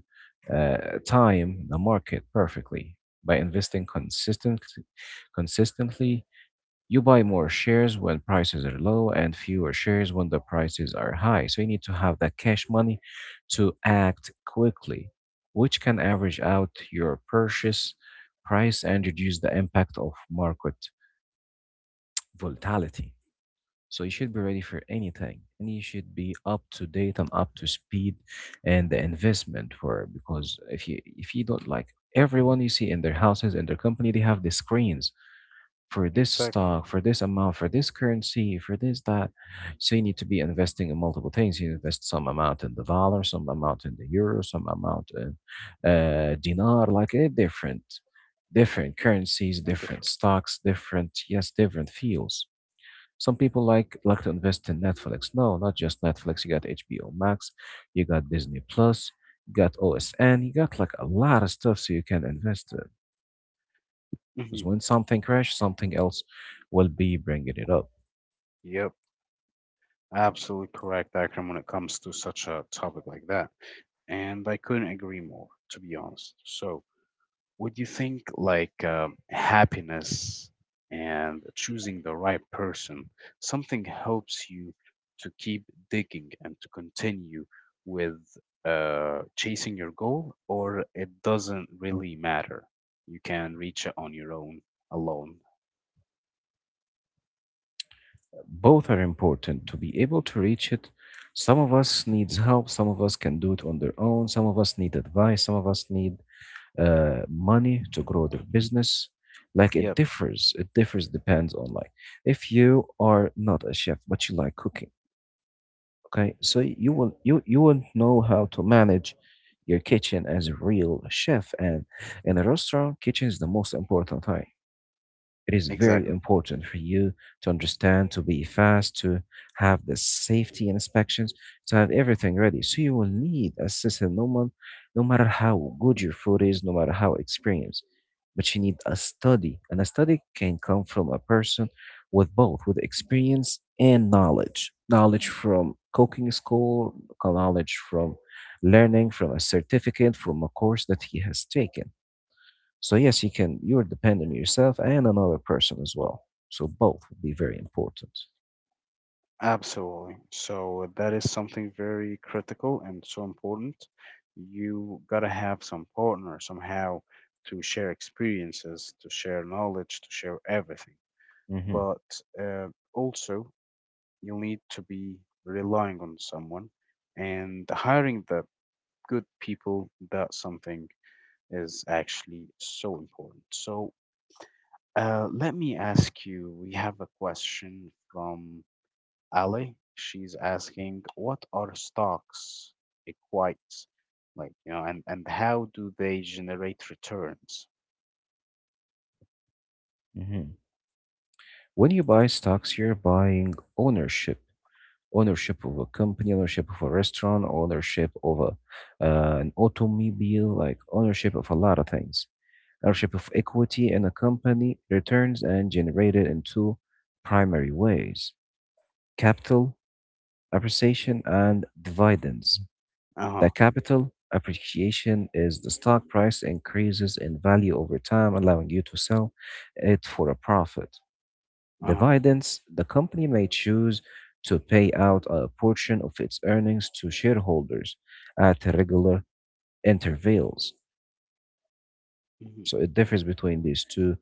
Speaker 2: uh, time the market perfectly by investing consistently, you buy more shares when prices are low and fewer shares when the prices are high. So you need to have that cash money to act quickly, which can average out your purchase price and reduce the impact of market volatility. So you should be ready for anything and you should be up to date and up to speed and the investment for, because if you, if you don't, like everyone you see in their houses, in their company, they have the screens for this
Speaker 1: Exactly.
Speaker 2: stock, for this amount, for this currency, for this, that. So you need to be investing in multiple things. You invest some amount in the dollar, some amount in the euro, some amount in dinar, like different currencies,
Speaker 1: And
Speaker 2: different
Speaker 1: different.
Speaker 2: stocks, different, yes, different fields. Some people like to invest in Netflix. No, not just Netflix. You got HBO Max, you got Disney Plus, you got OSN, you got like a lot of stuff so you can invest in. Because
Speaker 1: Hmm.
Speaker 2: when something crashes, something else will be bringing it up.
Speaker 1: Yep. Absolutely correct, Akram, when it comes to such a topic like that. And I couldn't agree more, to be honest. So, would you think like happiness and choosing the right person, something helps you to keep digging and to continue with chasing your goal, or it doesn't really matter? You can reach it on your own alone.
Speaker 2: Both are important to be able to reach it. Some of us needs help. Some of us can do it on their own. Some of us need advice. Some of us need money to grow their business. Like it
Speaker 1: Yep,
Speaker 2: differs. It differs depends on like if you are not a chef but you like cooking. Okay, so you will know how to manage your kitchen as a real chef, and in a restaurant kitchen is the most important thing. It is very
Speaker 1: exactly.
Speaker 2: important for you to understand, to be fast, to have the safety inspections, to have everything ready. So you will need a system, no matter how good your food is, no matter how experienced. But you need a study, and a study can come from a person with both, with experience and knowledge. Knowledge from cooking school, knowledge from learning, from a certificate, from a course that he has taken. So yes, you can. You are dependent on yourself and another person as well. So both would be very important.
Speaker 1: Absolutely. So that is something very critical and so important. You gotta have some partner somehow to share experiences, to share knowledge, to share everything.
Speaker 2: Hmm.
Speaker 1: But uh, also, you'll need to be relying on someone and hiring the good people that something is actually so important. So let me ask you, we have a question from Ali. She's asking, what are stocks? It quite like, you know, and how do they generate returns?
Speaker 2: Hmm. When you buy stocks, you're buying ownership, ownership of a company, ownership of a restaurant, ownership of a an automobile, like ownership of a lot of things. Ownership of equity in a company, returns and generated in two primary ways: capital appreciation and dividends. The
Speaker 1: Uh-huh.
Speaker 2: capital appreciation is the stock price increases in value over time, allowing you to sell it for a profit.
Speaker 1: Uh-huh.
Speaker 2: Dividends, the company may choose to pay out a portion of its earnings to shareholders at regular intervals.
Speaker 1: Mhm.
Speaker 2: So it differs between these two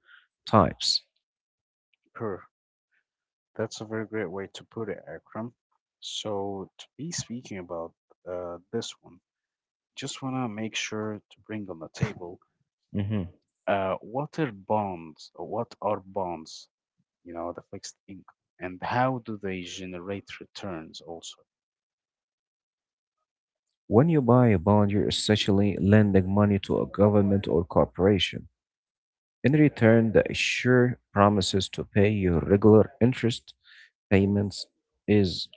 Speaker 2: types.
Speaker 1: Perfect. That's a very great way to put it, Akram. So, to be speaking about this one, just want to make sure to bring on the table
Speaker 2: Mhm.
Speaker 1: what are bonds, or what are bonds, you know, the fixed income, and how do they generate returns also?
Speaker 2: When you buy a bond, you're essentially lending money to a government or corporation. In return, the issuer promises to pay you regular interest payments, is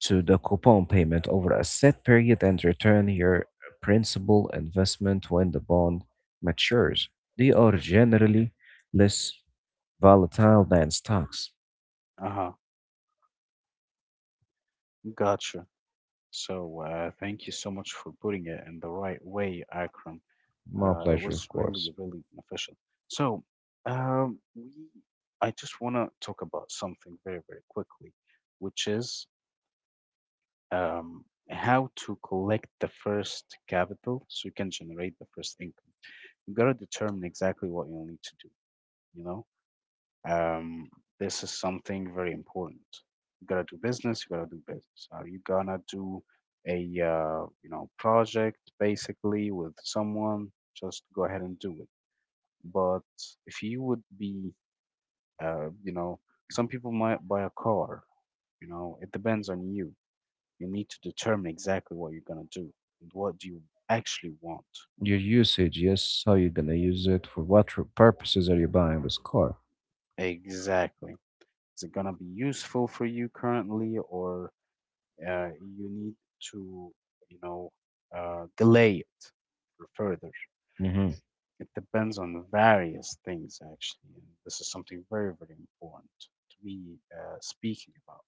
Speaker 2: to the coupon payment over a set period and return your principal investment when the bond matures. They are generally less volatile than stocks.
Speaker 1: Uh huh, gotcha. So, thank you so much for putting it in the right way, Akram.
Speaker 2: My
Speaker 1: It
Speaker 2: pleasure, of
Speaker 1: was really,
Speaker 2: course.
Speaker 1: really beneficial. So, um, we, I just want to talk about something very, very quickly, which is um, how to collect the first capital so you can generate the first income. You gotta determine exactly what you need to do. You know, um, this is something very important. You gotta do business. You gotta do business. Are you gonna do a you know project basically with someone? Just go ahead and do it but if you would be, you know, some people might buy a car, you know, it depends on you. You need to determine exactly what you're going to do. And what do you actually want?
Speaker 2: Your usage, yes, how you gonna use it, for what purposes are you buying this car?
Speaker 1: Exactly. Is it going to be useful for you currently, or uh, you need to, you know, delay it for further?
Speaker 2: Hmm.
Speaker 1: It depends on various things, actually. And this is something very, very important to be speaking about.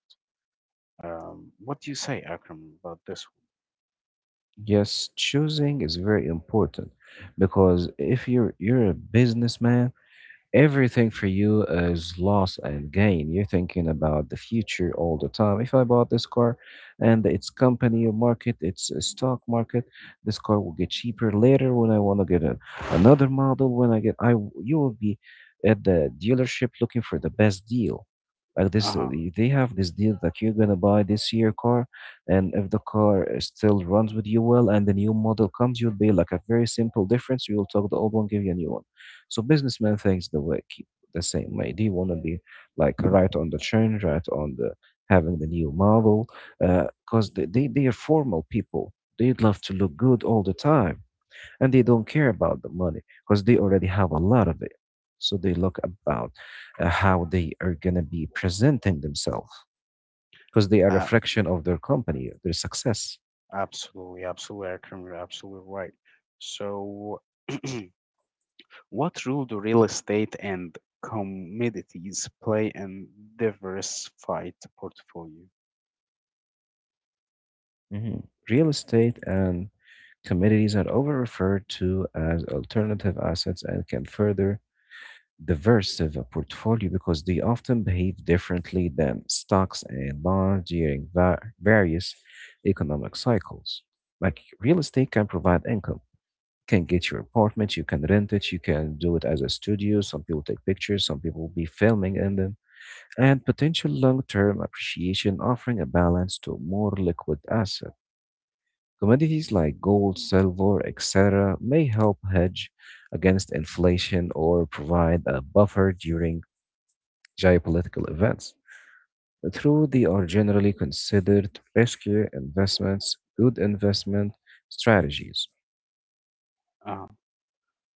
Speaker 1: What do you say, Akram, about this
Speaker 2: Yes, choosing is very important because if you're a businessman, everything for you is loss and gain. You're thinking about the future all the time. If I bought this car and its company or market, its a stock market, this car will get cheaper later when I want to get a, another model. When I get, I w- You will be at the dealership looking for the best deal. Like
Speaker 1: one?
Speaker 2: this,
Speaker 1: Uh-huh.
Speaker 2: they have this deal that you're gonna buy this year car, and if the car still runs with you well, and the new model comes, you'll be like a very simple difference. You will talk the old one, give you a new one. So businessman thinks the way keep the same way. They want to be like right on the trend, right on the having the new model, because they are formal people. They'd love to look good all the time, and they don't care about the money because they already have a lot of it. So they look about how they are gonna be presenting themselves because they are a
Speaker 1: Um,
Speaker 2: reflection of their company, their success.
Speaker 1: absolutely, absolutely, Akram, you're absolutely right. So, what role do real estate and commodities play in diversified portfolio?
Speaker 2: Mhm. Real estate and commodities are over referred to as alternative assets and can further diverse of a portfolio because they often behave differently than stocks and bonds during various economic cycles. Like real estate can provide income, can get your apartment, you can rent it, you can do it as a studio. Some people take pictures, some people be filming in them, and potential long term appreciation offering a balance to a more liquid asset. Commodities like gold, silver, etc., may help hedge against inflation or provide a buffer during geopolitical events through they are generally considered risky investments, good investment strategies.
Speaker 1: Uh-huh.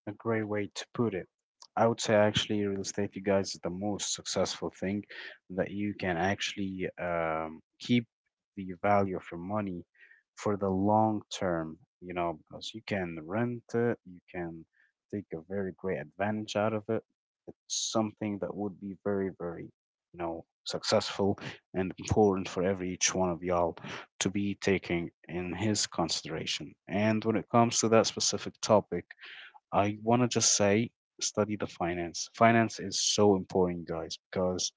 Speaker 1: A great way to put it. I would say actually real estate, you guys, is the most successful thing that you can actually keep the value of your money for the long term, you know, because you can rent it, you can take a very great advantage out of it. It's something that would be very, very, you know, successful and important for every each one of y'all to be taking in his consideration. And when it comes to that specific topic, I want to just say study the finance. Finance is so important, guys, because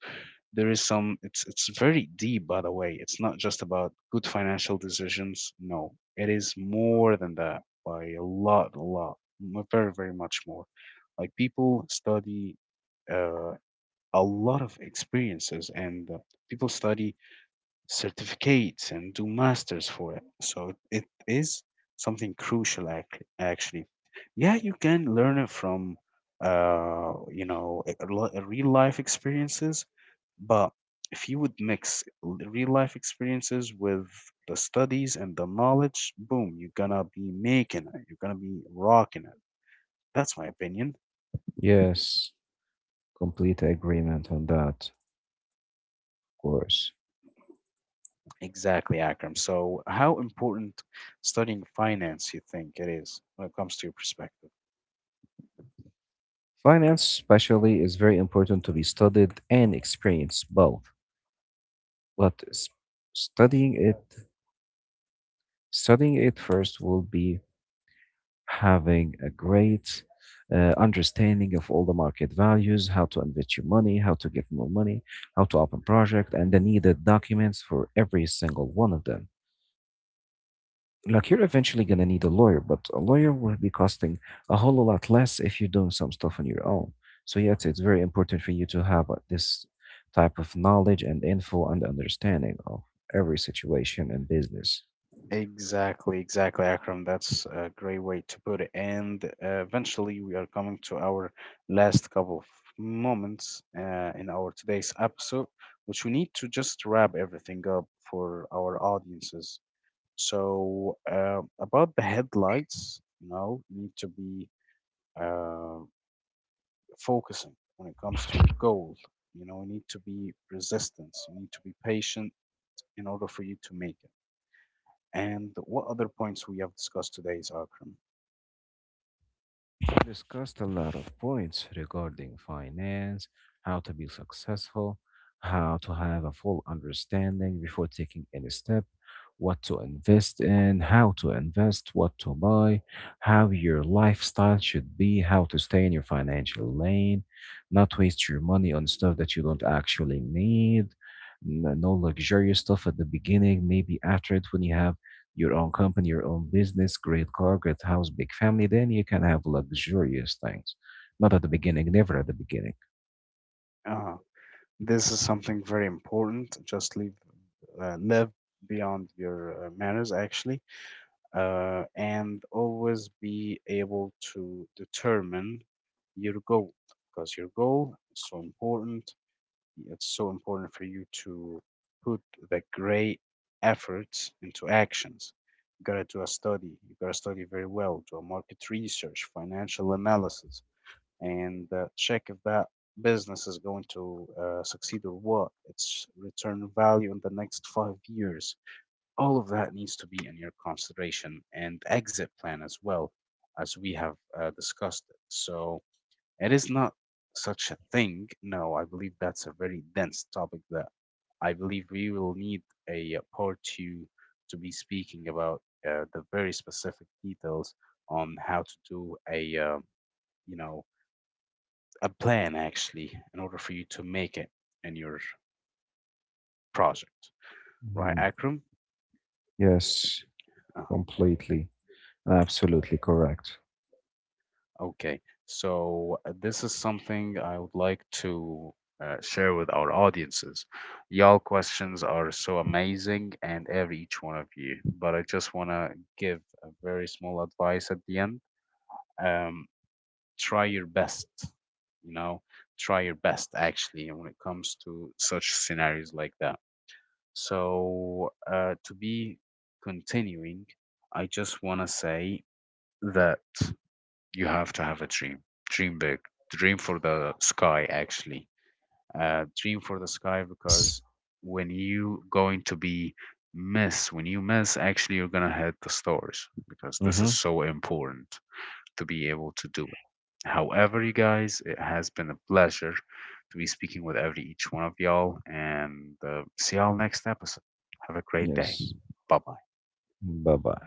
Speaker 1: there is some it's very deep by the way. It's not just about good financial decisions. No. It is more than that by a lot, a lot. Very, very much more. Like people study uh, a lot of experiences and people study certificates and do masters for it. So it is something crucial actually. Yeah, you can learn it from you know a real life experiences, but if you would mix real life experiences with the studies and the knowledge, boom, you're gonna be making it. You're gonna be rocking it. That's my opinion.
Speaker 2: Yes, complete agreement on that, of course.
Speaker 1: Exactly, Akram. So, how important studying finance you think it is when it comes to your perspective?
Speaker 2: Finance, especially, is very important to be studied and experienced both. But s- Studying it, studying it first will be having a great understanding of all the market values, how to invest your money, how to get more money, how to open project, and the needed documents for every single one of them. Like you're eventually gonna need a lawyer, but a lawyer will be costing a whole lot less if you're doing some stuff on your own. So yes, it's very important for you to have this type of knowledge and info and understanding of every situation and business.
Speaker 1: Exactly, exactly, Akram. That's a great way to put it. And eventually, we are coming to our last couple of moments in our today's episode, which we need to just wrap everything up for our audiences. So about the headlights, you know, you need to be uh, focusing when it comes to your goal. You know, you need to be resistance. You need to be patient in order for you to make it. And what other points we have discussed today is Akram.
Speaker 2: Discussed a lot of points regarding finance, how to be successful, how to have a full understanding before taking any step, what to invest in, how to invest, what to buy, how your lifestyle should be, how to stay in your financial lane, not waste your money on stuff that you don't actually need. No luxurious stuff at the beginning, maybe after it when you have your own company, your own business, great car, great house, big family, then you can have luxurious things. Not at the beginning, never at the beginning.
Speaker 1: Uh, this is something very important. Just live, live beyond your manners, actually. Uh, and always be able to determine your goal because your goal is so important. It's so important for you to put the great efforts into actions. You gotta do a study, you gotta study very well, do a market research, financial analysis, and check if that business is going to succeed or what, its return value in the next 5 years. All of that needs to be in your consideration and exit plan as well as we have discussed it. So it is not such a thing. No, I believe that's a very dense topic that I believe we will need a part two to be speaking about the very specific details on how to do a you know a plan actually in order for you to make it in your project, right
Speaker 2: Mhm.
Speaker 1: Akram?
Speaker 2: Yes,
Speaker 1: Uh,
Speaker 2: completely. Absolutely correct.
Speaker 1: okay, so this is something I would like to share with our audiences. Y'all questions are so amazing and every each one of you, but I just want to give a very small advice at the end. Um, try your best, you know, try your best actually when it comes to such scenarios like that. So, to be continuing, I just want to say that. You have to have a dream. Dream big. Dream for the sky, actually. Dream for the sky
Speaker 2: Yes.
Speaker 1: because when you going to be miss, when you miss, actually you're gonna hit the stars because this is
Speaker 2: Hmm.
Speaker 1: so important to be able to do it. However, you guys, it has been a pleasure to be speaking with every each one of y'all, and see y'all next episode. Have a great day.
Speaker 2: Yes.
Speaker 1: Bye bye.
Speaker 2: Bye bye.